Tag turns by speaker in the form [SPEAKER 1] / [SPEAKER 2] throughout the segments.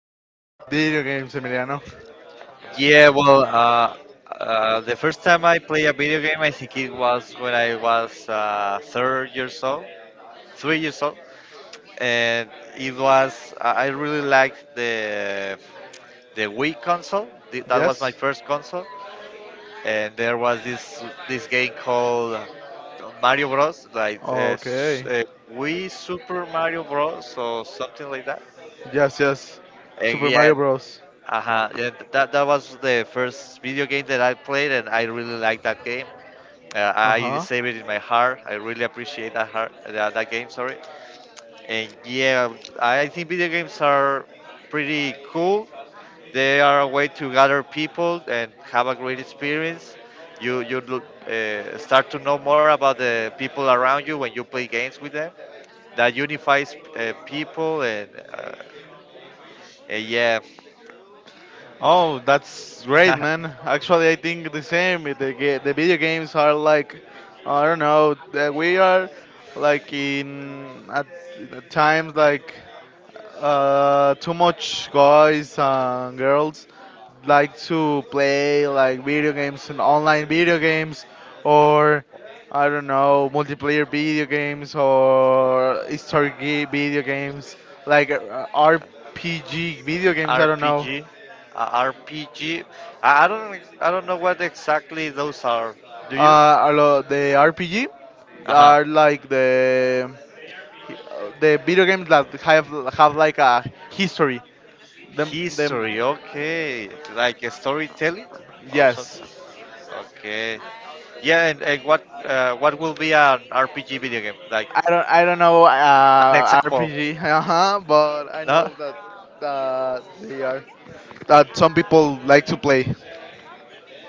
[SPEAKER 1] do you think about video games, Emiliano?
[SPEAKER 2] Yeah, well, the first time I played a video game, I think it was when I was three years old, and it was I really liked the Wii console. That was my
[SPEAKER 1] Yes?
[SPEAKER 2] first console, and there was this game called Mario Bros. Like
[SPEAKER 1] Okay.
[SPEAKER 2] Wii Super Mario Bros. Or something like that.
[SPEAKER 1] Yes, yes.
[SPEAKER 2] And
[SPEAKER 1] Super
[SPEAKER 2] yeah.
[SPEAKER 1] Mario Bros.
[SPEAKER 2] Uh-huh. Yeah, that was the first video game that I played, and I really liked that game.
[SPEAKER 1] Uh
[SPEAKER 2] I
[SPEAKER 1] huh.
[SPEAKER 2] save it in my heart. I really appreciate that heart, that game. Sorry. And yeah, I think video games are pretty cool. They are a way to gather people and have a great experience. You look, start to know more about the people around you when you play games with them. That unifies people and yeah.
[SPEAKER 1] Oh, that's great, man. Actually, I think the same. The video games are like, I don't know, that we are like at times like too much guys and girls like to play like video games and online video games or I don't know multiplayer video games or historic video games like RPG video games. I don't know.
[SPEAKER 2] RPG, RPG. I don't know what exactly those are. Do you?
[SPEAKER 1] A lot the RPG
[SPEAKER 2] Uh huh.
[SPEAKER 1] are like the video games that have like a history. Them
[SPEAKER 2] History. Okay, like a storytelling or
[SPEAKER 1] yes.
[SPEAKER 2] something. Okay. Yeah, and what will be an RPG video game? Like
[SPEAKER 1] I don't know
[SPEAKER 2] an example?
[SPEAKER 1] RPG, uh-huh, but I
[SPEAKER 2] No.
[SPEAKER 1] know that they are that some people like to play.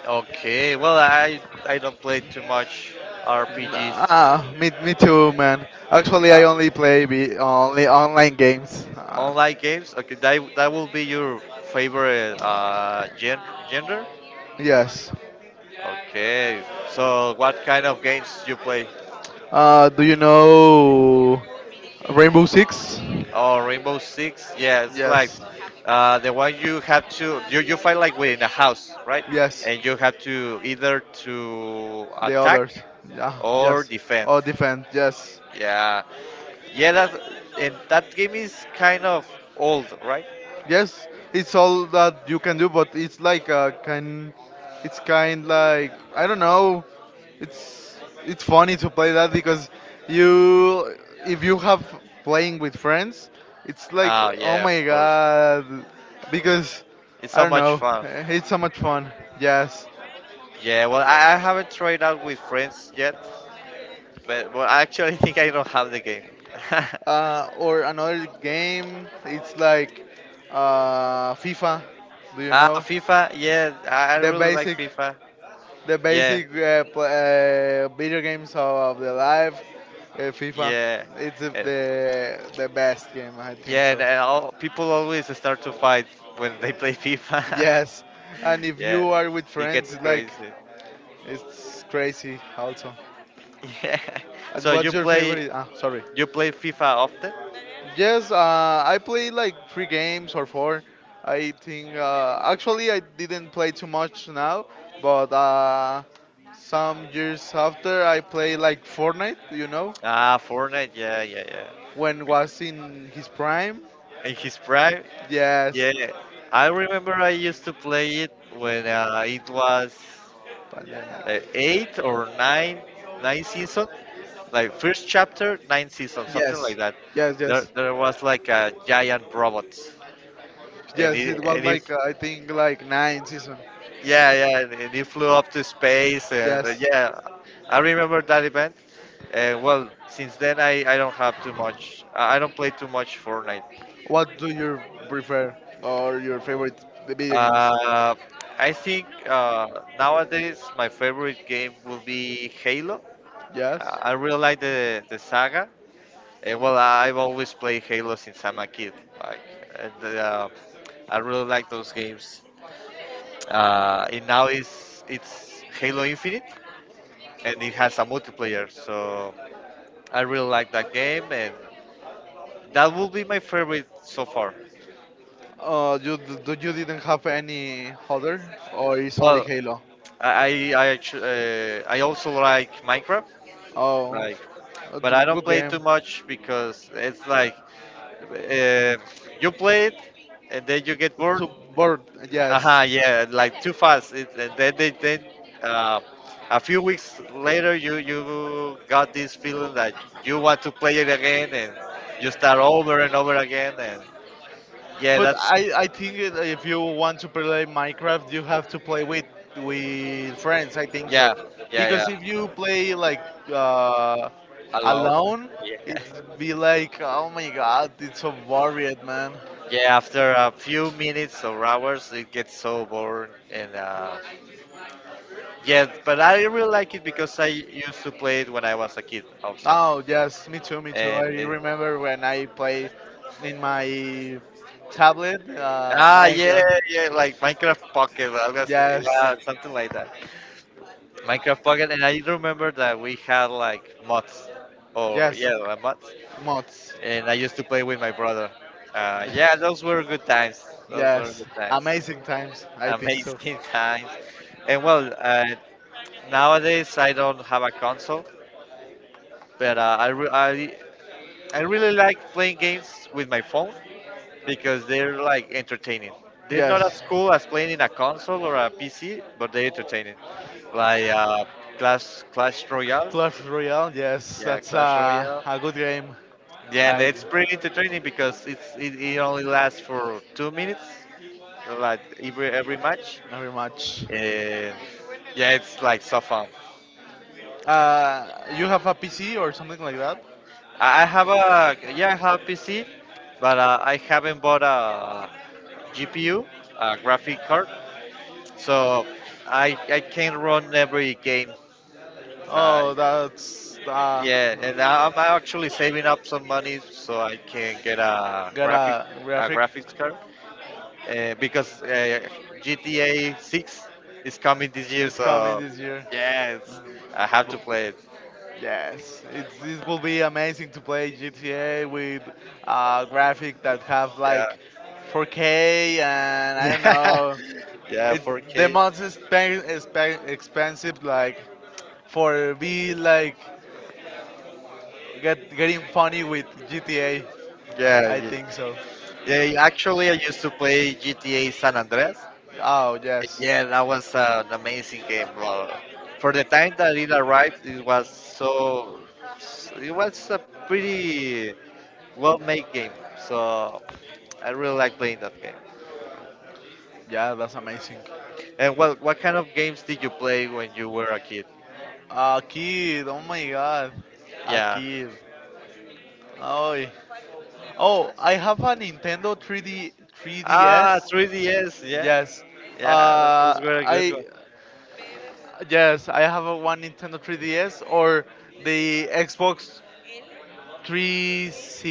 [SPEAKER 2] Okay. Well, I don't play too much RPGs.
[SPEAKER 1] Ah, me too, man. Actually, I
[SPEAKER 2] Uh,
[SPEAKER 1] only only online games.
[SPEAKER 2] Online games. Okay, that will be your favorite gender.
[SPEAKER 1] Yes.
[SPEAKER 2] Okay. So what kind of games you play?
[SPEAKER 1] Do you know Rainbow Six?
[SPEAKER 2] Oh, Rainbow Six. Yeah, it's like
[SPEAKER 1] Yes.
[SPEAKER 2] the one you have to you fight like within a house, right?
[SPEAKER 1] Yes.
[SPEAKER 2] And you have to either to
[SPEAKER 1] The
[SPEAKER 2] attack
[SPEAKER 1] others. Yeah.
[SPEAKER 2] or
[SPEAKER 1] Yes.
[SPEAKER 2] defend.
[SPEAKER 1] Oh, defend. Yes.
[SPEAKER 2] Yeah, yeah, that and that game is kind of old, right?
[SPEAKER 1] Yes. It's all that you can do, but it's like a kind. It's kind like I don't know. It's funny to play that because you if you have playing with friends, it's like
[SPEAKER 2] Ah,
[SPEAKER 1] oh
[SPEAKER 2] yeah, of
[SPEAKER 1] my
[SPEAKER 2] course.
[SPEAKER 1] god because
[SPEAKER 2] It's
[SPEAKER 1] I
[SPEAKER 2] so
[SPEAKER 1] don't
[SPEAKER 2] much
[SPEAKER 1] know.
[SPEAKER 2] fun.
[SPEAKER 1] It's so much fun. Yes.
[SPEAKER 2] Yeah, well, I haven't tried out with friends yet, but well, I actually think I don't have the game.
[SPEAKER 1] Or another game. It's like FIFA. Do you
[SPEAKER 2] Ah,
[SPEAKER 1] know
[SPEAKER 2] FIFA. Yeah, I
[SPEAKER 1] the
[SPEAKER 2] really like
[SPEAKER 1] basic,
[SPEAKER 2] FIFA.
[SPEAKER 1] the
[SPEAKER 2] Yeah,
[SPEAKER 1] basic video games of the life? FIFA.
[SPEAKER 2] yeah,
[SPEAKER 1] It's the
[SPEAKER 2] and,
[SPEAKER 1] the the best game. I think
[SPEAKER 2] yeah.
[SPEAKER 1] so.
[SPEAKER 2] And all, people always start to fight when they play FIFA.
[SPEAKER 1] Yes, and if you
[SPEAKER 2] yeah,
[SPEAKER 1] are with
[SPEAKER 2] it
[SPEAKER 1] friends,
[SPEAKER 2] gets
[SPEAKER 1] it's like
[SPEAKER 2] crazy.
[SPEAKER 1] it's crazy also.
[SPEAKER 2] Yeah.
[SPEAKER 1] And
[SPEAKER 2] So
[SPEAKER 1] what's
[SPEAKER 2] you
[SPEAKER 1] your
[SPEAKER 2] play
[SPEAKER 1] favorite? Ah, sorry.
[SPEAKER 2] you play FIFA often?
[SPEAKER 1] Yes, I played like three games or four. I think actually I didn't play too much now, but some years after I played like Fortnite. You know,
[SPEAKER 2] Ah, Fortnite. Yeah, yeah, yeah.
[SPEAKER 1] when was in his prime.
[SPEAKER 2] In his prime.
[SPEAKER 1] Yes,
[SPEAKER 2] Yeah, I remember I used to play it when it was
[SPEAKER 1] pandemic.
[SPEAKER 2] uh, eight or nine, nine season, like first chapter, nine season, something
[SPEAKER 1] Yes,
[SPEAKER 2] like that.
[SPEAKER 1] yes,
[SPEAKER 2] There,
[SPEAKER 1] yes,
[SPEAKER 2] there was like a giant robot, and
[SPEAKER 1] yes.
[SPEAKER 2] he,
[SPEAKER 1] It was
[SPEAKER 2] and he,
[SPEAKER 1] like I think like nine season.
[SPEAKER 2] yeah, yeah, and he flew up to space, and
[SPEAKER 1] Yes.
[SPEAKER 2] yeah, I remember that event. And well, since then I don't play too much Fortnite.
[SPEAKER 1] What do you prefer or your favorite the video games?
[SPEAKER 2] Uh, I think nowadays my favorite game will be Halo.
[SPEAKER 1] Yes.
[SPEAKER 2] I really like the saga. And well, I've always played Halo since I'm a kid. Like, and, uh, I really like those games. And now it's Halo Infinite, and it has a multiplayer. So I really like that game, and that will be my favorite so far.
[SPEAKER 1] Do you didn't have any other, or it's only
[SPEAKER 2] Well,
[SPEAKER 1] Halo?
[SPEAKER 2] I also like Minecraft.
[SPEAKER 1] Oh,
[SPEAKER 2] Like, but I don't
[SPEAKER 1] good
[SPEAKER 2] play
[SPEAKER 1] game.
[SPEAKER 2] too much because it's like uh, you play it and then you get bored.
[SPEAKER 1] So, but yes,
[SPEAKER 2] Aha, yeah, like too fast. And then uh, a few weeks later you got this feeling that you want to play it again and you start over and over again and yeah,
[SPEAKER 1] but
[SPEAKER 2] that's
[SPEAKER 1] I think if you want to play Minecraft, you have to play with friends. I think so,
[SPEAKER 2] yeah, yeah, yeah.
[SPEAKER 1] because if you play like uh,
[SPEAKER 2] Alone.
[SPEAKER 1] alone,
[SPEAKER 2] Yeah.
[SPEAKER 1] it'd be like oh my god, it's so boring, man.
[SPEAKER 2] Yeah, after a few minutes or hours, it gets so boring, and yes, but I really like it because I used to play it when I was a kid also.
[SPEAKER 1] Oh yes, me too. I
[SPEAKER 2] And it,
[SPEAKER 1] remember when I play in my tablet,
[SPEAKER 2] ah, yeah,
[SPEAKER 1] Minecraft.
[SPEAKER 2] yeah, like Minecraft Pocket, I was gonna say,
[SPEAKER 1] Yes,
[SPEAKER 2] yeah, something like that. Minecraft Pocket, and I remember that we had like mods, or
[SPEAKER 1] yes,
[SPEAKER 2] yeah, like mods,
[SPEAKER 1] mods.
[SPEAKER 2] and I used to play with my brother. Yeah, those were good times. Those were
[SPEAKER 1] Yes,
[SPEAKER 2] good times.
[SPEAKER 1] amazing times. I think so.
[SPEAKER 2] Amazing times. And well, nowadays I don't have a console, but I, re- I really like playing games with my phone because they're like entertaining. They're not
[SPEAKER 1] Yes,
[SPEAKER 2] as cool as playing in a console or a PC, but they're entertaining. Like Clash
[SPEAKER 1] Clash Royale. Yes, that's
[SPEAKER 2] Clash Royale.
[SPEAKER 1] a good game.
[SPEAKER 2] Yeah, and
[SPEAKER 1] I
[SPEAKER 2] it's pretty entertaining because it only lasts for 2 minutes, like every match,
[SPEAKER 1] very much.
[SPEAKER 2] and yeah, it's like so fun.
[SPEAKER 1] You have a PC or something like that?
[SPEAKER 2] I have PC, but I haven't bought a GPU, a graphic card. So I can't run every game. So I,
[SPEAKER 1] Oh, that's
[SPEAKER 2] yeah, and I'm actually saving up some money so I can get a
[SPEAKER 1] got a graphic.
[SPEAKER 2] graphics card because GTA 6 is coming this year.
[SPEAKER 1] It's coming
[SPEAKER 2] So
[SPEAKER 1] this year.
[SPEAKER 2] yes, I have to play it.
[SPEAKER 1] Yes, it. This will be amazing to play GTA with graphic that have
[SPEAKER 2] Yeah,
[SPEAKER 1] like 4K and I don't
[SPEAKER 2] yeah,
[SPEAKER 1] know.
[SPEAKER 2] yeah,
[SPEAKER 1] It's the
[SPEAKER 2] 4K.
[SPEAKER 1] most expensive like for be like getting funny with GTA. I
[SPEAKER 2] Yeah,
[SPEAKER 1] think so.
[SPEAKER 2] yeah, yeah. Actually, I used to play GTA San Andreas.
[SPEAKER 1] Oh yes,
[SPEAKER 2] Yeah, that was an amazing game, bro. For the time that it arrived, it was so. It was a pretty well-made game, so I really like playing that game.
[SPEAKER 1] yeah, that's amazing.
[SPEAKER 2] And what kind of games did you play when you were a kid?
[SPEAKER 1] A kid, oh my god, a
[SPEAKER 2] Yeah.
[SPEAKER 1] kid. Oh, oh, I have a Nintendo 3D
[SPEAKER 2] Ah,
[SPEAKER 1] 3DS.
[SPEAKER 2] 3DS. Yeah,
[SPEAKER 1] Yes. Uh,
[SPEAKER 2] yeah, those were a good one.
[SPEAKER 1] I yes, I have a one Nintendo 3DS or the Xbox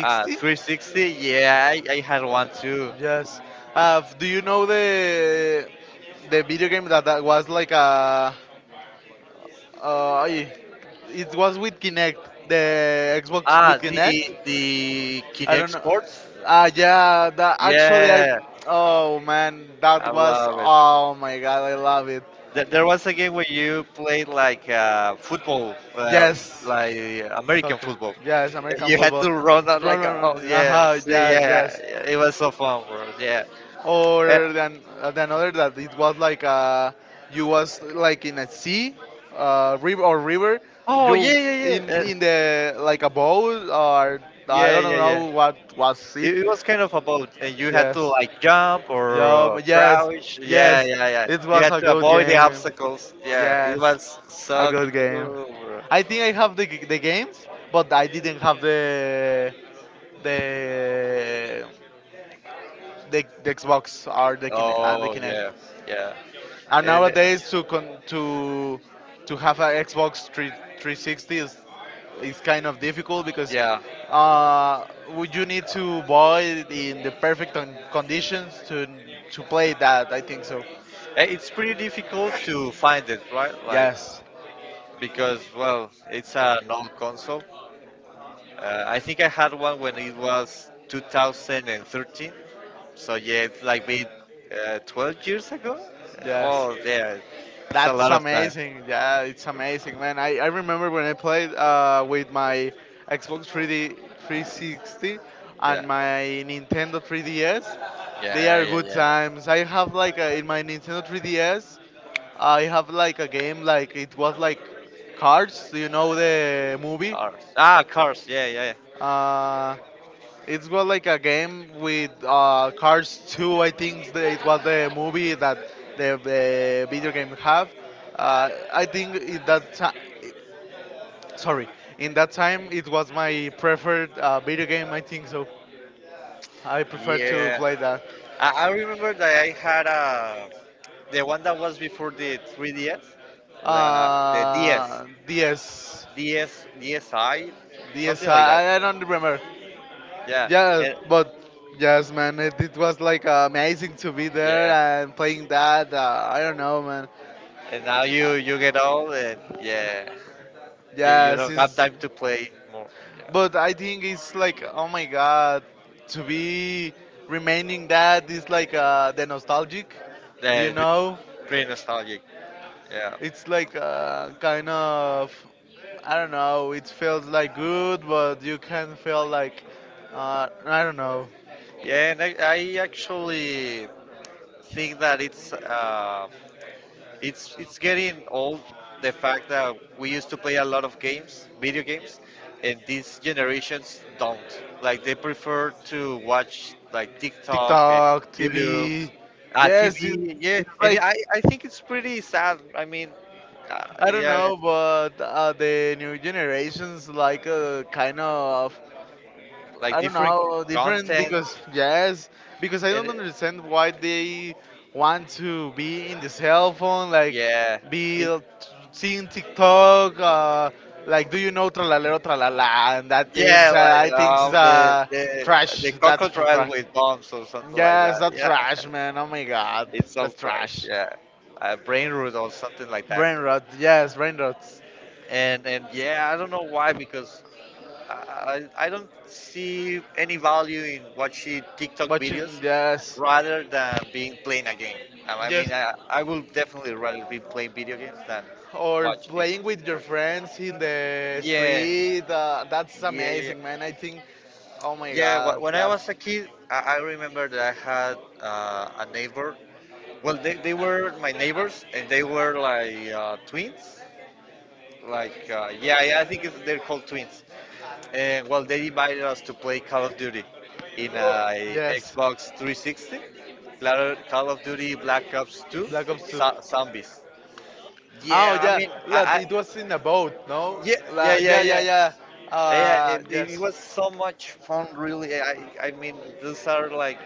[SPEAKER 2] Ah, 360. Yeah, I had one too.
[SPEAKER 1] Yes. Do you know the video game that, that was like a uh, ay, it was with Kinect, the Xbox with
[SPEAKER 2] Ah,
[SPEAKER 1] Kinect?
[SPEAKER 2] the
[SPEAKER 1] I
[SPEAKER 2] Kinect
[SPEAKER 1] don't know.
[SPEAKER 2] Sports.
[SPEAKER 1] Yeah, that actually I
[SPEAKER 2] Yeah,
[SPEAKER 1] oh man, that
[SPEAKER 2] I
[SPEAKER 1] was
[SPEAKER 2] love it.
[SPEAKER 1] oh my god, I love it.
[SPEAKER 2] There was a game where you played like football,
[SPEAKER 1] Yes.
[SPEAKER 2] like American
[SPEAKER 1] Soccer.
[SPEAKER 2] football.
[SPEAKER 1] Yes, American
[SPEAKER 2] You had
[SPEAKER 1] football.
[SPEAKER 2] to run out
[SPEAKER 1] Run,
[SPEAKER 2] like,
[SPEAKER 1] run,
[SPEAKER 2] oh
[SPEAKER 1] run.
[SPEAKER 2] yeah,
[SPEAKER 1] Aha,
[SPEAKER 2] see,
[SPEAKER 1] yes,
[SPEAKER 2] yeah,
[SPEAKER 1] yes.
[SPEAKER 2] it was so fun, bro. Yeah. Uh,
[SPEAKER 1] Or then, than other that it was like you was like in a sea, river or river.
[SPEAKER 2] oh
[SPEAKER 1] You
[SPEAKER 2] yeah, yeah, yeah, uh,
[SPEAKER 1] in the like a boat or I
[SPEAKER 2] yeah,
[SPEAKER 1] don't
[SPEAKER 2] yeah, yeah.
[SPEAKER 1] know what was it.
[SPEAKER 2] It was kind of about, and you had to
[SPEAKER 1] Yes.
[SPEAKER 2] like jump
[SPEAKER 1] Yum.
[SPEAKER 2] or
[SPEAKER 1] Yes.
[SPEAKER 2] crouch. Yeah,
[SPEAKER 1] Yes.
[SPEAKER 2] yeah, yeah.
[SPEAKER 1] It
[SPEAKER 2] You
[SPEAKER 1] was
[SPEAKER 2] had
[SPEAKER 1] a
[SPEAKER 2] to
[SPEAKER 1] good
[SPEAKER 2] avoid the
[SPEAKER 1] game.
[SPEAKER 2] obstacles. Yeah, it
[SPEAKER 1] Yes.
[SPEAKER 2] was
[SPEAKER 1] A
[SPEAKER 2] so
[SPEAKER 1] good game.
[SPEAKER 2] cool, bro.
[SPEAKER 1] I think I have the games, but I didn't have the the Xbox or the
[SPEAKER 2] Oh
[SPEAKER 1] Kinect.
[SPEAKER 2] yeah, yeah,
[SPEAKER 1] And
[SPEAKER 2] and
[SPEAKER 1] nowadays to to have an Xbox 3, 360 is kind of difficult because
[SPEAKER 2] yeah.
[SPEAKER 1] uh, would you need to buy it in the perfect conditions to play that? I think so.
[SPEAKER 2] It's pretty difficult to find it, right? Like
[SPEAKER 1] Yes,
[SPEAKER 2] because well, it's an old console. I think I had one when it was 2013. So yeah, it's like maybe 12 years ago.
[SPEAKER 1] yes.
[SPEAKER 2] Well, yeah, it's a
[SPEAKER 1] That's
[SPEAKER 2] lot of time.
[SPEAKER 1] amazing. Yeah, it's amazing, man. I remember when I played with my Xbox 3D 360
[SPEAKER 2] Yeah,
[SPEAKER 1] and my Nintendo 3DS. They
[SPEAKER 2] yeah,
[SPEAKER 1] are
[SPEAKER 2] yeah,
[SPEAKER 1] good
[SPEAKER 2] yeah.
[SPEAKER 1] times. I have like a, in my Nintendo 3DS, I have like a game like it was like Cards. Do you know the movie?
[SPEAKER 2] Cars. Ah, cars. Yeah, yeah, yeah.
[SPEAKER 1] Uh, it's was like a game with Cars 2. I think the, it was the movie that the video game have. I think in that time, sorry, in that time it was my preferred video game. I think so. I prefer to
[SPEAKER 2] Yeah.
[SPEAKER 1] play that.
[SPEAKER 2] I remember that I had a the one that was before the 3DS, the the DS,
[SPEAKER 1] DS,
[SPEAKER 2] DS, DSi,
[SPEAKER 1] DS.
[SPEAKER 2] something like that.
[SPEAKER 1] I don't remember.
[SPEAKER 2] Yeah,
[SPEAKER 1] Yeah,
[SPEAKER 2] and
[SPEAKER 1] but yes, man, it was like amazing to be there
[SPEAKER 2] yeah,
[SPEAKER 1] and playing that. I don't know, man.
[SPEAKER 2] and now you get old and yeah, you
[SPEAKER 1] Yes,
[SPEAKER 2] don't have
[SPEAKER 1] it's
[SPEAKER 2] time to play more. Yeah,
[SPEAKER 1] But I think it's like, oh my god, to be remaining that is like the nostalgic, do
[SPEAKER 2] yeah,
[SPEAKER 1] you
[SPEAKER 2] it's
[SPEAKER 1] know?
[SPEAKER 2] pretty nostalgic. Yeah,
[SPEAKER 1] It's like kind of, I don't know, it feels like good, but you can feel like, I don't know,
[SPEAKER 2] yeah, and I actually think that it's it's getting old. The fact that we used to play a lot of games, video games, and these generations don't. Like they prefer to watch like TikTok and
[SPEAKER 1] TikTok,
[SPEAKER 2] YouTube
[SPEAKER 1] TV. Yes, you,
[SPEAKER 2] TV, yeah,
[SPEAKER 1] it's
[SPEAKER 2] and
[SPEAKER 1] like,
[SPEAKER 2] I think it's pretty sad. I mean,
[SPEAKER 1] I don't
[SPEAKER 2] yeah,
[SPEAKER 1] know, but the new generations like kind of
[SPEAKER 2] like
[SPEAKER 1] I don't
[SPEAKER 2] different
[SPEAKER 1] know, different
[SPEAKER 2] content,
[SPEAKER 1] because yes, because I
[SPEAKER 2] and
[SPEAKER 1] don't understand why they want to be in the cell phone, like
[SPEAKER 2] yeah,
[SPEAKER 1] be
[SPEAKER 2] it,
[SPEAKER 1] seeing TikTok, like do you know tralalero tralala and that things.
[SPEAKER 2] yeah,
[SPEAKER 1] I
[SPEAKER 2] like
[SPEAKER 1] think it's trash.
[SPEAKER 2] the crocodile
[SPEAKER 1] Trash.
[SPEAKER 2] with bombs or something like
[SPEAKER 1] Yes,
[SPEAKER 2] that.
[SPEAKER 1] that's
[SPEAKER 2] Yeah,
[SPEAKER 1] trash, man. Oh my god,
[SPEAKER 2] it's all
[SPEAKER 1] that's
[SPEAKER 2] trash.
[SPEAKER 1] trash.
[SPEAKER 2] Yeah, brain root or something like that.
[SPEAKER 1] Brain rot. Yes, brain rot.
[SPEAKER 2] And yeah, I don't know why because I don't see any value in watching TikTok videos
[SPEAKER 1] Watching. Yes,
[SPEAKER 2] rather than being playing a game. I
[SPEAKER 1] yes.
[SPEAKER 2] mean, I will definitely rather be playing video games than
[SPEAKER 1] Or
[SPEAKER 2] watching
[SPEAKER 1] playing with your
[SPEAKER 2] TikTok.
[SPEAKER 1] friends in the
[SPEAKER 2] Yeah,
[SPEAKER 1] street. That's
[SPEAKER 2] yeah, yeah.
[SPEAKER 1] amazing, man. I think, oh my
[SPEAKER 2] Yeah,
[SPEAKER 1] god,
[SPEAKER 2] when I
[SPEAKER 1] that.
[SPEAKER 2] was a kid, I remember that I had a neighbor. Well, they were my neighbors, and they were like twins. Like, yeah, yeah, I think it's, they're called twins. And well, they invited us to play Call of Duty in
[SPEAKER 1] Oh,
[SPEAKER 2] a
[SPEAKER 1] yes,
[SPEAKER 2] Xbox 360. Call of Duty Black Ops 2
[SPEAKER 1] Black Ops 2.
[SPEAKER 2] Zombies.
[SPEAKER 1] Oh
[SPEAKER 2] Yeah, I
[SPEAKER 1] yeah,
[SPEAKER 2] mean,
[SPEAKER 1] that
[SPEAKER 2] I
[SPEAKER 1] it was in a boat, no?
[SPEAKER 2] yeah,
[SPEAKER 1] La,
[SPEAKER 2] yeah, yeah,
[SPEAKER 1] yeah, yeah,
[SPEAKER 2] yeah,
[SPEAKER 1] yeah.
[SPEAKER 2] yeah. It
[SPEAKER 1] Yes.
[SPEAKER 2] was so much fun, really. I mean, those are like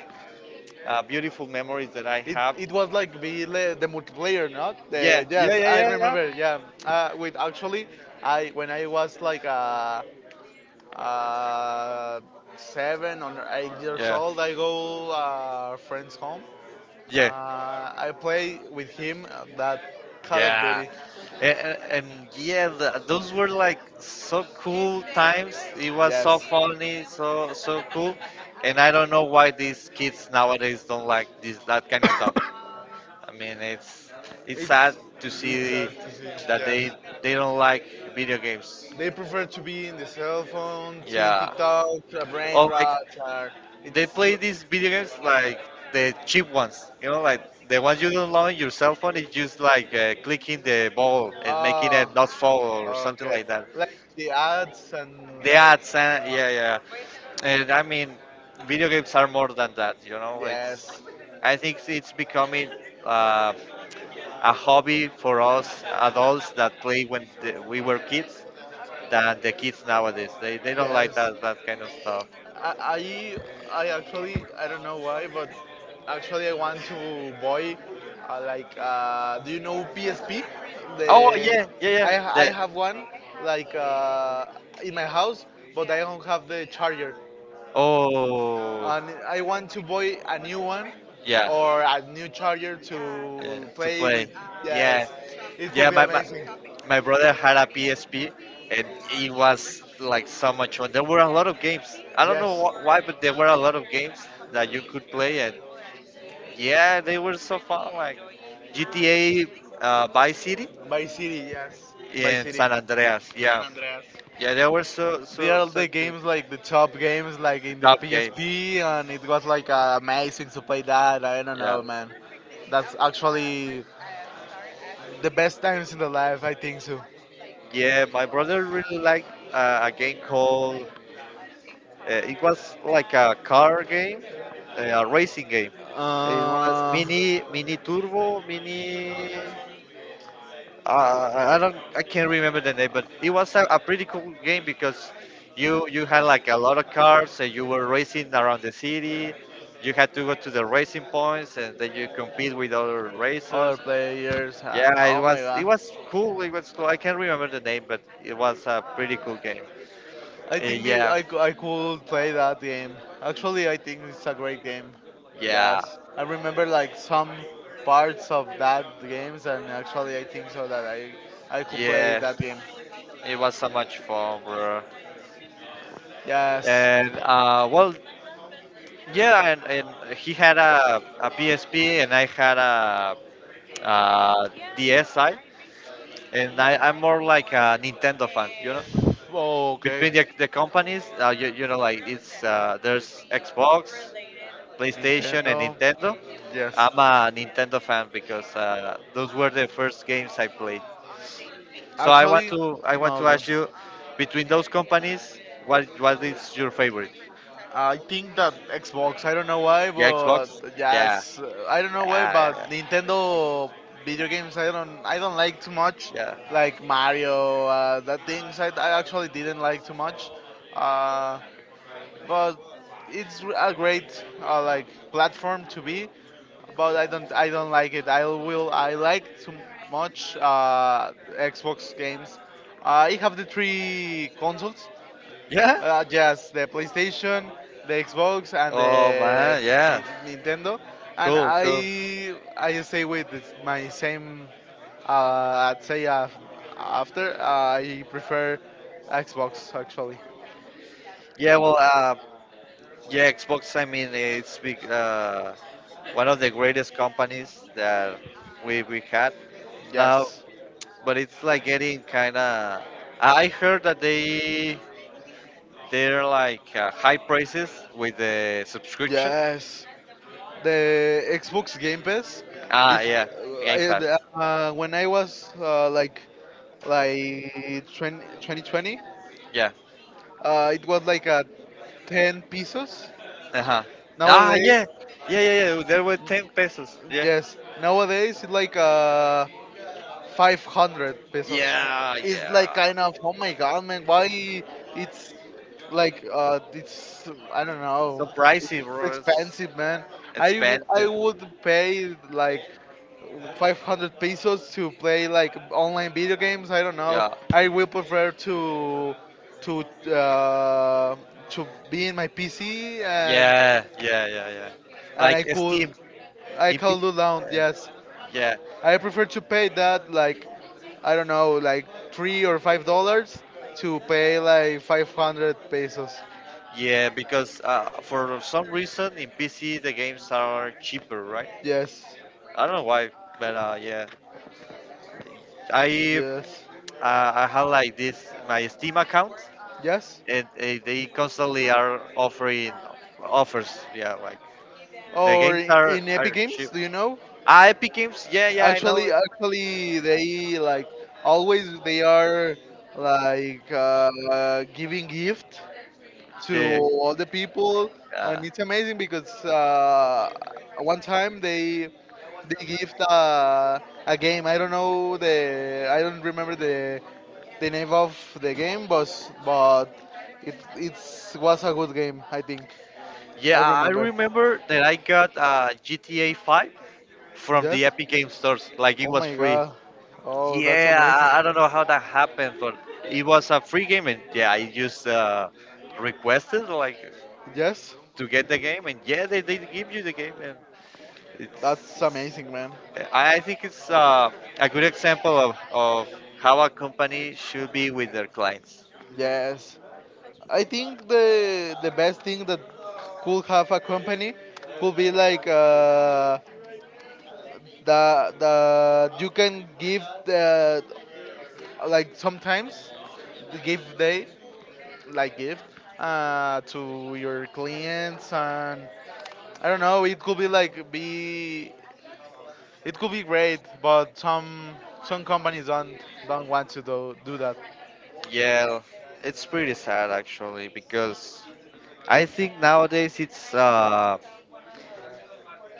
[SPEAKER 2] beautiful memories that I
[SPEAKER 1] It,
[SPEAKER 2] have.
[SPEAKER 1] it was like the multiplayer, not
[SPEAKER 2] Yeah,
[SPEAKER 1] the yes.
[SPEAKER 2] yeah, yeah,
[SPEAKER 1] I
[SPEAKER 2] yeah, yeah,
[SPEAKER 1] remember, yeah. With actually, I when I was like Uh, 7 or 8 years
[SPEAKER 2] yeah,
[SPEAKER 1] old, I go friend's home.
[SPEAKER 2] yeah,
[SPEAKER 1] Uh, I play with him that Call of
[SPEAKER 2] yeah.
[SPEAKER 1] Duty.
[SPEAKER 2] And yeah, those were like so cool times. It was so
[SPEAKER 1] Yes,
[SPEAKER 2] funny, so so cool. And I don't know why these kids nowadays don't like this that kind of stuff. I mean, it's sad
[SPEAKER 1] it's
[SPEAKER 2] to
[SPEAKER 1] it's
[SPEAKER 2] see
[SPEAKER 1] sad to see.
[SPEAKER 2] that
[SPEAKER 1] Yes,
[SPEAKER 2] they don't like video games.
[SPEAKER 1] they prefer to be in the cell phone, seeing
[SPEAKER 2] Yeah.
[SPEAKER 1] TikTok,
[SPEAKER 2] Or
[SPEAKER 1] brain
[SPEAKER 2] like
[SPEAKER 1] rot, or
[SPEAKER 2] they
[SPEAKER 1] it's
[SPEAKER 2] play these video games like the cheap ones. You know, like the ones you don't know on your cell phone is just like clicking the ball and making
[SPEAKER 1] uh
[SPEAKER 2] it not fall or something
[SPEAKER 1] okay,
[SPEAKER 2] like that.
[SPEAKER 1] like the ads and
[SPEAKER 2] The
[SPEAKER 1] like
[SPEAKER 2] ads,
[SPEAKER 1] uh,
[SPEAKER 2] yeah, yeah. And I mean, video games are more than that. You know, it's.
[SPEAKER 1] yes,
[SPEAKER 2] I think it's becoming uh, a hobby for us adults that play when we were kids than the kids nowadays. They don't like
[SPEAKER 1] yes.
[SPEAKER 2] that kind of stuff.
[SPEAKER 1] I, I I actually I don't know why, but actually I want to buy like do you know PSP?
[SPEAKER 2] Oh
[SPEAKER 1] The
[SPEAKER 2] yeah, yeah, yeah.
[SPEAKER 1] I
[SPEAKER 2] The,
[SPEAKER 1] have one like in my house, but I don't have the charger,
[SPEAKER 2] oh.
[SPEAKER 1] and I want to buy a new one
[SPEAKER 2] Yeah.
[SPEAKER 1] or a new charger
[SPEAKER 2] Yeah,
[SPEAKER 1] to
[SPEAKER 2] to
[SPEAKER 1] play
[SPEAKER 2] play.
[SPEAKER 1] with. Yes,
[SPEAKER 2] Yeah.
[SPEAKER 1] it
[SPEAKER 2] Yeah,
[SPEAKER 1] could be
[SPEAKER 2] my
[SPEAKER 1] amazing.
[SPEAKER 2] my brother had a PSP and it was like so much fun. There were a lot of games. I don't know
[SPEAKER 1] Yes,
[SPEAKER 2] why, but there were a lot of games that you could play and yeah, they were so fun. Like GTA Vice City
[SPEAKER 1] by city. Yes, by
[SPEAKER 2] in
[SPEAKER 1] city.
[SPEAKER 2] San Andreas. Yeah,
[SPEAKER 1] San Andreas.
[SPEAKER 2] yeah, they were so
[SPEAKER 1] They
[SPEAKER 2] so
[SPEAKER 1] are
[SPEAKER 2] so
[SPEAKER 1] the
[SPEAKER 2] good.
[SPEAKER 1] games like the top games like
[SPEAKER 2] The
[SPEAKER 1] in the
[SPEAKER 2] top games.
[SPEAKER 1] PSP, and it was like amazing to play that. I don't
[SPEAKER 2] Yeah.
[SPEAKER 1] know, man. That's actually the best times in the life, I think so.
[SPEAKER 2] Yeah, my brother really liked a game called. It was like a car game, a racing game. It was
[SPEAKER 1] Uh,
[SPEAKER 2] mini turbo, mini. I can't remember the name, but it was a pretty cool game because you had like a lot of cars and you were racing around the city. You had to go to the racing points and then you compete with other
[SPEAKER 1] other
[SPEAKER 2] racers.
[SPEAKER 1] players and
[SPEAKER 2] Yeah, it
[SPEAKER 1] oh my
[SPEAKER 2] was it
[SPEAKER 1] god,
[SPEAKER 2] was cool. It was cool. I can't remember the name, but it was a pretty cool game.
[SPEAKER 1] I think it,
[SPEAKER 2] Yeah,
[SPEAKER 1] I could play that game. Actually, I think it's a great game.
[SPEAKER 2] yeah,
[SPEAKER 1] Yes, I remember like some parts of that games, and actually I think so that I could play
[SPEAKER 2] yeah.
[SPEAKER 1] that game.
[SPEAKER 2] It was so much fun, bro.
[SPEAKER 1] Yes.
[SPEAKER 2] And well, yeah, and he had a PSP, and I had a, uh DSi, and I'm more like a Nintendo fan.
[SPEAKER 1] Oh,
[SPEAKER 2] Between
[SPEAKER 1] okay.
[SPEAKER 2] the companies, like it's there's Xbox, PlayStation, and
[SPEAKER 1] Nintendo.
[SPEAKER 2] Nintendo.
[SPEAKER 1] Yes.
[SPEAKER 2] I'm a Nintendo fan because those were the first games I played, so i want
[SPEAKER 1] Actually,
[SPEAKER 2] to i want
[SPEAKER 1] no,
[SPEAKER 2] to
[SPEAKER 1] okay.
[SPEAKER 2] ask you, between those companies, what is your favorite?
[SPEAKER 1] I think that Xbox, I don't know why,
[SPEAKER 2] The
[SPEAKER 1] but
[SPEAKER 2] Xbox. Yeah,
[SPEAKER 1] yes, I don't know why,
[SPEAKER 2] yeah,
[SPEAKER 1] but
[SPEAKER 2] yeah,
[SPEAKER 1] Nintendo video games, I don't like too much,
[SPEAKER 2] yeah,
[SPEAKER 1] like Mario, that things I actually didn't like too much. Uh, but it's a great like platform to be but I don't like it. I will I like too much Xbox games. I have the three consoles.
[SPEAKER 2] yeah. Yeah?
[SPEAKER 1] Yes, the PlayStation, the Xbox, and
[SPEAKER 2] Oh
[SPEAKER 1] the
[SPEAKER 2] man, yeah.
[SPEAKER 1] Ni- Nintendo. And
[SPEAKER 2] Cool, cool.
[SPEAKER 1] I stay with this, my same. Uh, I'd say after I prefer Xbox actually.
[SPEAKER 2] Yeah, well, yeah, Xbox. I mean, it's big, one of the greatest companies that we had now,
[SPEAKER 1] Yes,
[SPEAKER 2] but it's like getting kind of. I heard that they're like high prices with the subscription.
[SPEAKER 1] yes. The Xbox Game Pass
[SPEAKER 2] Ah,
[SPEAKER 1] is
[SPEAKER 2] yeah. Game Pass.
[SPEAKER 1] when I was like 20, 2020,
[SPEAKER 2] Yeah.
[SPEAKER 1] it was like a 10 pesos.
[SPEAKER 2] Uh huh. Ah,
[SPEAKER 1] Nowadays,
[SPEAKER 2] yeah, yeah, yeah, yeah. There were 10 pesos. Yeah.
[SPEAKER 1] yes, nowadays it's like 500 pesos.
[SPEAKER 2] Yeah,
[SPEAKER 1] It's like
[SPEAKER 2] yeah.
[SPEAKER 1] kind of, oh my god, man, why it's like, it's, I don't
[SPEAKER 2] So
[SPEAKER 1] know, it's
[SPEAKER 2] pricey, bro. It's
[SPEAKER 1] expensive, man. I
[SPEAKER 2] expensive.
[SPEAKER 1] would pay like 500 pesos to play like online video games. I don't know.
[SPEAKER 2] Yeah.
[SPEAKER 1] I will prefer to, uh, to be in my PC
[SPEAKER 2] Yeah, yeah, yeah, yeah.
[SPEAKER 1] and
[SPEAKER 2] Like Steam.
[SPEAKER 1] I
[SPEAKER 2] In
[SPEAKER 1] could
[SPEAKER 2] P-
[SPEAKER 1] do
[SPEAKER 2] uh,
[SPEAKER 1] down, yes.
[SPEAKER 2] yeah,
[SPEAKER 1] I prefer to pay that like I don't know, like $3 or $5 to pay like 500 pesos.
[SPEAKER 2] yeah, because for some reason in PC the games are cheaper, right?
[SPEAKER 1] Yes,
[SPEAKER 2] I don't know why, but yeah, I
[SPEAKER 1] yes,
[SPEAKER 2] I have like this my Steam account,
[SPEAKER 1] yes.
[SPEAKER 2] and they constantly are offering offers. Yeah, like the
[SPEAKER 1] Or
[SPEAKER 2] games are
[SPEAKER 1] in Epic
[SPEAKER 2] are cheap.
[SPEAKER 1] Games, do you know?
[SPEAKER 2] Ah, Epic Games. Yeah, yeah, I know it.
[SPEAKER 1] Actually, they like always they are like giving gift to
[SPEAKER 2] Yeah, yeah.
[SPEAKER 1] all the people,
[SPEAKER 2] Uh,
[SPEAKER 1] and it's amazing because one time they gift a game. I don't remember the name of the game, but but it it's was a good game. I think I
[SPEAKER 2] yeah, I
[SPEAKER 1] remember.
[SPEAKER 2] remember that I got GTA 5 from the
[SPEAKER 1] Yes.
[SPEAKER 2] Epic Game stores. Like it
[SPEAKER 1] Oh
[SPEAKER 2] was
[SPEAKER 1] my
[SPEAKER 2] free.
[SPEAKER 1] god. Oh, that's
[SPEAKER 2] Yeah,
[SPEAKER 1] amazing.
[SPEAKER 2] I don't know how that happened, but it was a free game, and yeah, I just requested like
[SPEAKER 1] Yes.
[SPEAKER 2] to get the game, and yeah, they did give you the game, and it's
[SPEAKER 1] That's amazing, man.
[SPEAKER 2] I think it's a good example of how a company should be with their clients.
[SPEAKER 1] Yes. I think the best thing that could have a company could be like the you can give the like sometimes the gift day like gift to your clients, and I don't know, it could be like be it could be great, but some companies don't want to do that.
[SPEAKER 2] Yeah, it's pretty sad actually because I think nowadays it's uh,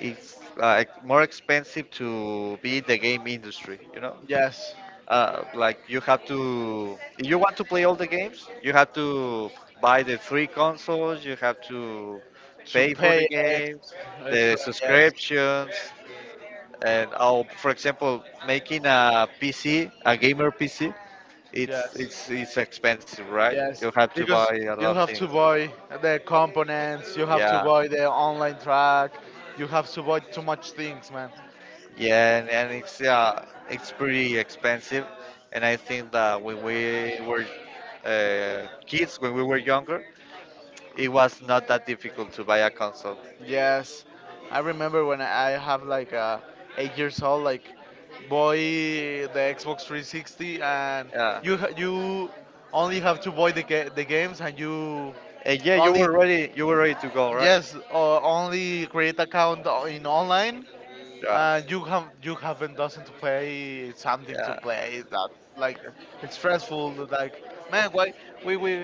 [SPEAKER 2] it's uh, more expensive to be in the game industry.
[SPEAKER 1] Yes.
[SPEAKER 2] Like, you have to, if you want to play all the games, you have to buy the three consoles, you have to
[SPEAKER 1] To
[SPEAKER 2] pay for the
[SPEAKER 1] pay
[SPEAKER 2] games, the
[SPEAKER 1] extra. Yes,
[SPEAKER 2] subscriptions, and all. For example, making a PC, a gamer PC, it's
[SPEAKER 1] yes.
[SPEAKER 2] it's it's expensive, right?
[SPEAKER 1] Yes,
[SPEAKER 2] You have to buy
[SPEAKER 1] because
[SPEAKER 2] a
[SPEAKER 1] you
[SPEAKER 2] lot of
[SPEAKER 1] have
[SPEAKER 2] things.
[SPEAKER 1] to buy the components, you have to
[SPEAKER 2] Yeah,
[SPEAKER 1] buy the online track, you have to buy too much things, man.
[SPEAKER 2] yeah. And it's pretty expensive, and I think that when we were kids, when we were younger, it was not that difficult to buy a console.
[SPEAKER 1] Yes, I remember when I have like 8 years old, like buy the Xbox 360, and
[SPEAKER 2] Yeah.
[SPEAKER 1] you only have to buy the the games, and you
[SPEAKER 2] And yeah, you
[SPEAKER 1] only.
[SPEAKER 2] were ready. You were ready to go, right?
[SPEAKER 1] Yes, or only create account in online.
[SPEAKER 2] Yeah.
[SPEAKER 1] You haven't doesn't play something to
[SPEAKER 2] Yeah.
[SPEAKER 1] play that's like stressful. Like, man, why we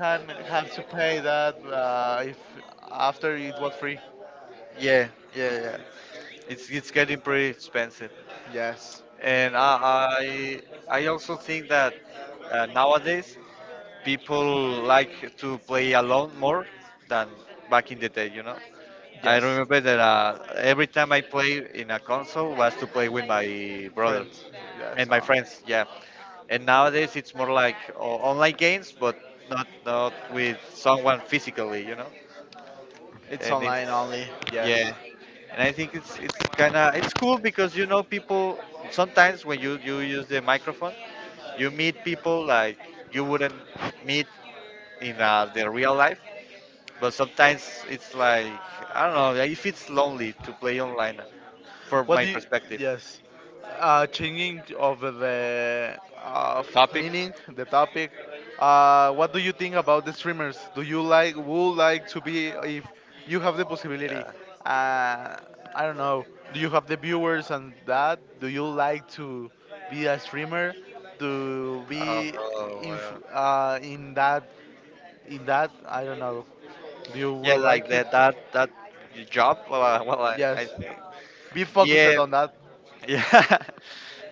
[SPEAKER 1] can have to pay that if after it was free?
[SPEAKER 2] Yeah. Yeah. Yeah. It's getting pretty expensive,
[SPEAKER 1] Yes,
[SPEAKER 2] and I also think that nowadays people like to play alone more than back in the day. I
[SPEAKER 1] yes,
[SPEAKER 2] remember that every time I play in a console was to play with my brother
[SPEAKER 1] friends.
[SPEAKER 2] and
[SPEAKER 1] Yes,
[SPEAKER 2] my friends, yeah. And nowadays it's more like online games, but not with someone physically.
[SPEAKER 1] it's
[SPEAKER 2] And it's
[SPEAKER 1] online only.
[SPEAKER 2] Yeah,
[SPEAKER 1] Yes.
[SPEAKER 2] and I think it's kind of it's cool because, you know, people sometimes when you use the microphone, you meet people like you wouldn't meet in the real life. But sometimes it's like I don't know if it's lonely to play online, for
[SPEAKER 1] What
[SPEAKER 2] my
[SPEAKER 1] do you?
[SPEAKER 2] perspective.
[SPEAKER 1] Yes, changing of the of
[SPEAKER 2] Topic?
[SPEAKER 1] meaning, the topic. What do you think about the streamers? Do you would like to be if you have the possibility?
[SPEAKER 2] Yeah.
[SPEAKER 1] Uh, I don't know. Do you have the viewers and that? Do you like to be a streamer? To
[SPEAKER 2] Oh,
[SPEAKER 1] be
[SPEAKER 2] oh,
[SPEAKER 1] in
[SPEAKER 2] well.
[SPEAKER 1] in that I don't know. Do you
[SPEAKER 2] Yeah,
[SPEAKER 1] will
[SPEAKER 2] like
[SPEAKER 1] like it?
[SPEAKER 2] that job. Well, I
[SPEAKER 1] Yes.
[SPEAKER 2] think.
[SPEAKER 1] Be focused
[SPEAKER 2] Yeah,
[SPEAKER 1] on that.
[SPEAKER 2] yeah.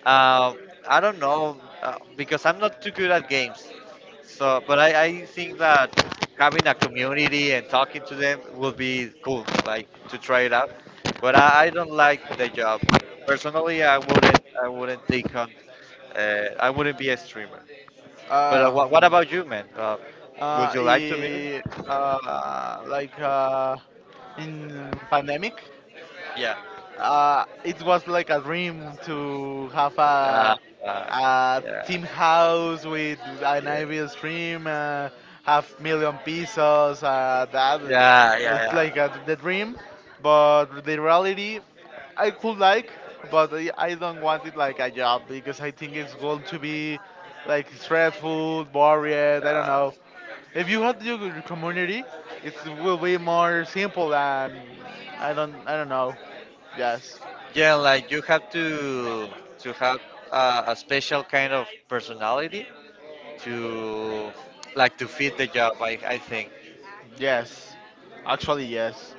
[SPEAKER 2] Uh, I don't know because I'm not too good at games. So, but I think that having a community and talking to them will be cool, like to try it out. But I don't like the job. Personally, I wouldn't be a streamer. But
[SPEAKER 1] Uh,
[SPEAKER 2] what about you, man? Would
[SPEAKER 1] uh,
[SPEAKER 2] you like to be?
[SPEAKER 1] i- like in pandemic,
[SPEAKER 2] Yeah.
[SPEAKER 1] it was like a dream to have
[SPEAKER 2] Uh, uh,
[SPEAKER 1] a team
[SPEAKER 2] yeah.
[SPEAKER 1] house with an IV
[SPEAKER 2] Yeah.
[SPEAKER 1] stream, half million pesos. That
[SPEAKER 2] Yeah.
[SPEAKER 1] it's
[SPEAKER 2] Yeah.
[SPEAKER 1] like the dream, but the reality, I could like, but I don't want it like a job because I think it's going to be like stressful, boring. I don't
[SPEAKER 2] Yeah.
[SPEAKER 1] know. If you have your community, it will be more simple than. I don't know. Yes,
[SPEAKER 2] Yeah, like you have to have a special kind of personality to like to fit the job. I think.
[SPEAKER 1] yes, actually yes.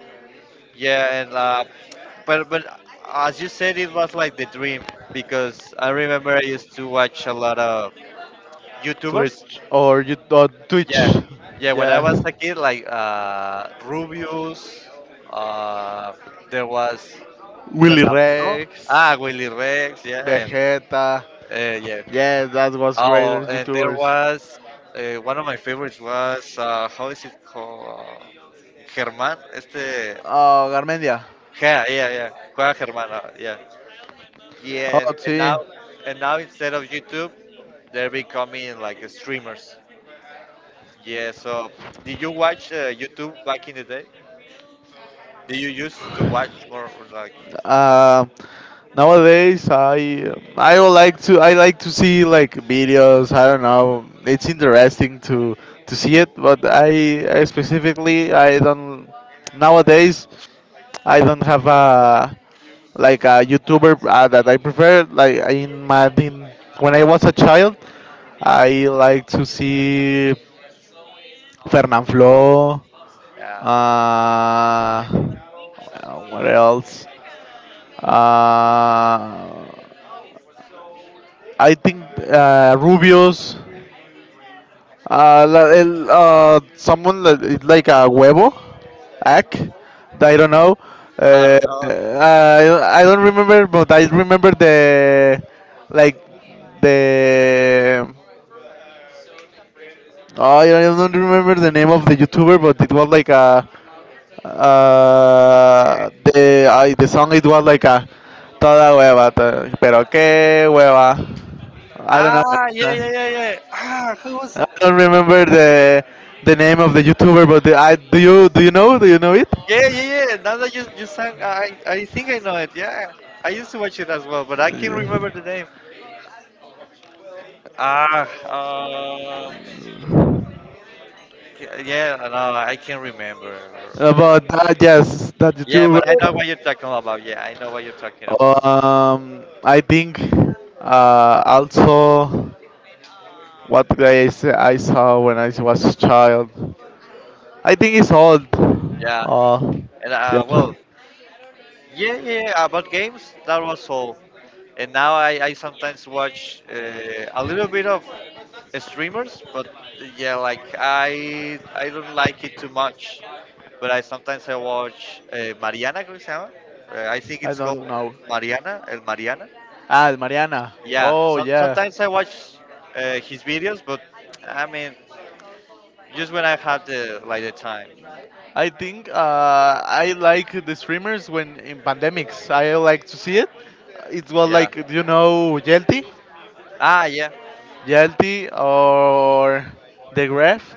[SPEAKER 2] Yeah, and but as you said, it was like the dream because I remember I used to watch a lot of YouTubers.
[SPEAKER 1] Twitch or you Twitch.
[SPEAKER 2] Yeah, yeah. When I
[SPEAKER 1] Yes,
[SPEAKER 2] was a kid, like Rubius, uh, there was
[SPEAKER 1] Willy
[SPEAKER 2] Fernando,
[SPEAKER 1] Rex,
[SPEAKER 2] ah, Willy Rex, yeah,
[SPEAKER 1] Vegeta.
[SPEAKER 2] yeah.
[SPEAKER 1] Yes, that was greater
[SPEAKER 2] Oh, and there
[SPEAKER 1] YouTubers.
[SPEAKER 2] was one of my favorites was how is it called? Germán, este,
[SPEAKER 1] Oh, Garmendia.
[SPEAKER 2] yeah, yeah, yeah, Juega Germán, yeah, yeah, and,
[SPEAKER 1] Oh,
[SPEAKER 2] and now,
[SPEAKER 1] sí.
[SPEAKER 2] and now instead of YouTube, they're becoming like streamers. Yeah, so did you watch YouTube back in the day? Did you used to watch more like,
[SPEAKER 1] Uh, nowadays, I would like to I like to see like videos. I don't know. It's interesting to see it, but I specifically I don't nowadays I don't have a like a YouTuber that I prefer. Like in, when I was a child, I like to see Fernanfloo. Uh,
[SPEAKER 2] uh,
[SPEAKER 1] what else? Uh, I think Rubio's, el, someone like a huevo, Ack, I don't know.
[SPEAKER 2] I
[SPEAKER 1] Uh,
[SPEAKER 2] don't know.
[SPEAKER 1] I don't remember, but I remember the like the. Oh, I don't remember the name of the YouTuber, but it was like a the song. It was like a toda hueva, pero qué hueva. I don't know.
[SPEAKER 2] Ah, yeah, yeah, yeah, yeah. Ah, who was?
[SPEAKER 1] I don't remember the name of the YouTuber, but I do you know it
[SPEAKER 2] Yeah, yeah, yeah. Now that you sang, I think I know it. Yeah, I used to watch it as well, but I can't remember the name. Ah, yeah, no, I can't remember. Yeah,
[SPEAKER 1] about that? Yes, that
[SPEAKER 2] yeah, but I know
[SPEAKER 1] YouTuber.
[SPEAKER 2] what you're talking about. Yeah, I know what you're talking about.
[SPEAKER 1] I think also what guy I saw when I was a child. I think it's old.
[SPEAKER 2] Yeah,
[SPEAKER 1] Uh,
[SPEAKER 2] and
[SPEAKER 1] yeah,
[SPEAKER 2] well, yeah, yeah, yeah, about games, that was all. And now I sometimes watch a little bit of streamers, but yeah, like I don't like it too much. But I sometimes I watch Mariana, creo que se llama. I think
[SPEAKER 1] I
[SPEAKER 2] it's
[SPEAKER 1] don't
[SPEAKER 2] called
[SPEAKER 1] know.
[SPEAKER 2] Mariana, El Mariana.
[SPEAKER 1] Ah, Mariana.
[SPEAKER 2] Yeah,
[SPEAKER 1] Oh
[SPEAKER 2] so,
[SPEAKER 1] yeah.
[SPEAKER 2] sometimes I watch his videos, but I mean, just when I have the time.
[SPEAKER 1] I think I like the streamers when in pandemics. I like to see it. It was
[SPEAKER 2] Yeah.
[SPEAKER 1] like, do you know Yelty,
[SPEAKER 2] Ah, yeah.
[SPEAKER 1] Or the Graph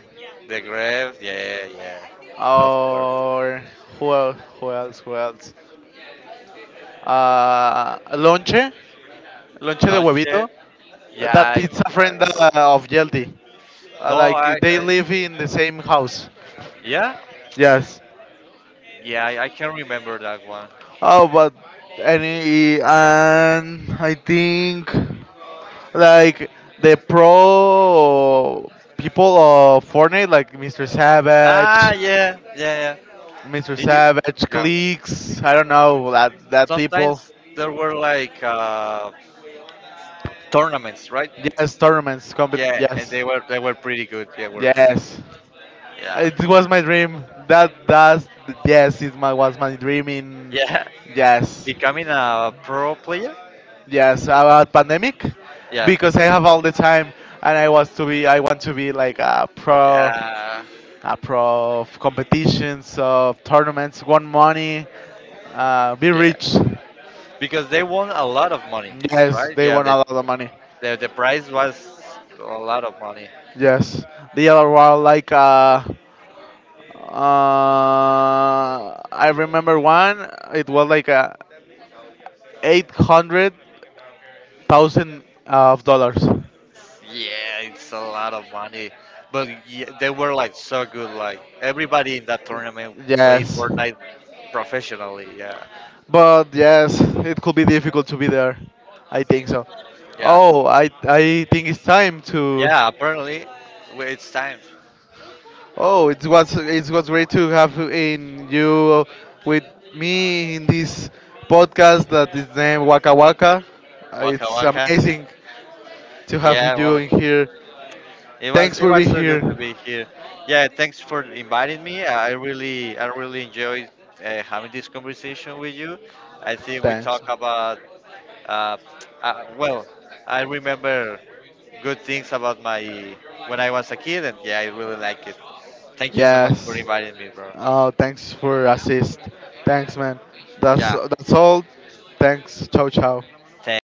[SPEAKER 2] The grave. Yeah, yeah. Of course.
[SPEAKER 1] or who else? Who else? Who else? Lonche, de
[SPEAKER 2] Lunch?
[SPEAKER 1] Huevito.
[SPEAKER 2] Yeah,
[SPEAKER 1] That
[SPEAKER 2] I,
[SPEAKER 1] it's a
[SPEAKER 2] I
[SPEAKER 1] friend
[SPEAKER 2] don't know.
[SPEAKER 1] of Yelty.
[SPEAKER 2] No,
[SPEAKER 1] Like they
[SPEAKER 2] I
[SPEAKER 1] live in the same house.
[SPEAKER 2] yeah,
[SPEAKER 1] Yes.
[SPEAKER 2] yeah, I can remember that one.
[SPEAKER 1] Oh, but any and I think, like the pro people of Fortnite, like Mr.
[SPEAKER 2] Ah,
[SPEAKER 1] Savage,
[SPEAKER 2] yeah, yeah, yeah.
[SPEAKER 1] Mr.
[SPEAKER 2] I-
[SPEAKER 1] Savage,
[SPEAKER 2] yeah.
[SPEAKER 1] cliques. I don't know that people.
[SPEAKER 2] Sometimes there were like tournaments, right?
[SPEAKER 1] Yes, tournaments.
[SPEAKER 2] Yeah, and
[SPEAKER 1] Yes,
[SPEAKER 2] they were pretty good. Yeah, were pretty.
[SPEAKER 1] yes.
[SPEAKER 2] Yeah,
[SPEAKER 1] It was my dream. That's yes, was my dream in,
[SPEAKER 2] yeah.
[SPEAKER 1] yes,
[SPEAKER 2] Becoming a pro player.
[SPEAKER 1] yes, about pandemic,
[SPEAKER 2] Yeah,
[SPEAKER 1] because I have all the time and I want to be like a pro,
[SPEAKER 2] yeah,
[SPEAKER 1] Apro of competitions, of tournaments, won money, be
[SPEAKER 2] yeah.
[SPEAKER 1] rich.
[SPEAKER 2] Because they won a lot of money,
[SPEAKER 1] Yes,
[SPEAKER 2] right?
[SPEAKER 1] they
[SPEAKER 2] Yeah,
[SPEAKER 1] won
[SPEAKER 2] the
[SPEAKER 1] a lot of money.
[SPEAKER 2] the, the prize was a lot of money.
[SPEAKER 1] Yes, the other one like uh, I remember one. It was like 800,000 of dollars.
[SPEAKER 2] Yeah, it's a lot of money. But yeah, they were like so good. Like everybody in that tournament played
[SPEAKER 1] Yes,
[SPEAKER 2] Fortnite professionally. Yeah.
[SPEAKER 1] but yes, it could be difficult to be there. I think so.
[SPEAKER 2] Yeah.
[SPEAKER 1] Oh, I think it's time to.
[SPEAKER 2] Yeah, apparently it's time.
[SPEAKER 1] Oh, it was great to have in you with me in this podcast that is named Waka Waka.
[SPEAKER 2] Waka
[SPEAKER 1] It's
[SPEAKER 2] waka.
[SPEAKER 1] amazing to have
[SPEAKER 2] Yeah,
[SPEAKER 1] you
[SPEAKER 2] well,
[SPEAKER 1] in here.
[SPEAKER 2] it was
[SPEAKER 1] Thanks
[SPEAKER 2] it
[SPEAKER 1] for
[SPEAKER 2] was
[SPEAKER 1] being
[SPEAKER 2] so good to
[SPEAKER 1] here.
[SPEAKER 2] be here. Yeah, thanks for inviting me. I really enjoyed having this conversation with you. I think we
[SPEAKER 1] Thanks.
[SPEAKER 2] talk about Uh, well, I remember good things about my when I was a kid, and yeah, I really like it. Thank you so much for
[SPEAKER 1] Yes.
[SPEAKER 2] inviting me, bro.
[SPEAKER 1] Oh, thanks for assist. Thanks, man.
[SPEAKER 2] Yeah,
[SPEAKER 1] That's all. Thanks. Ciao, ciao.
[SPEAKER 2] thanks.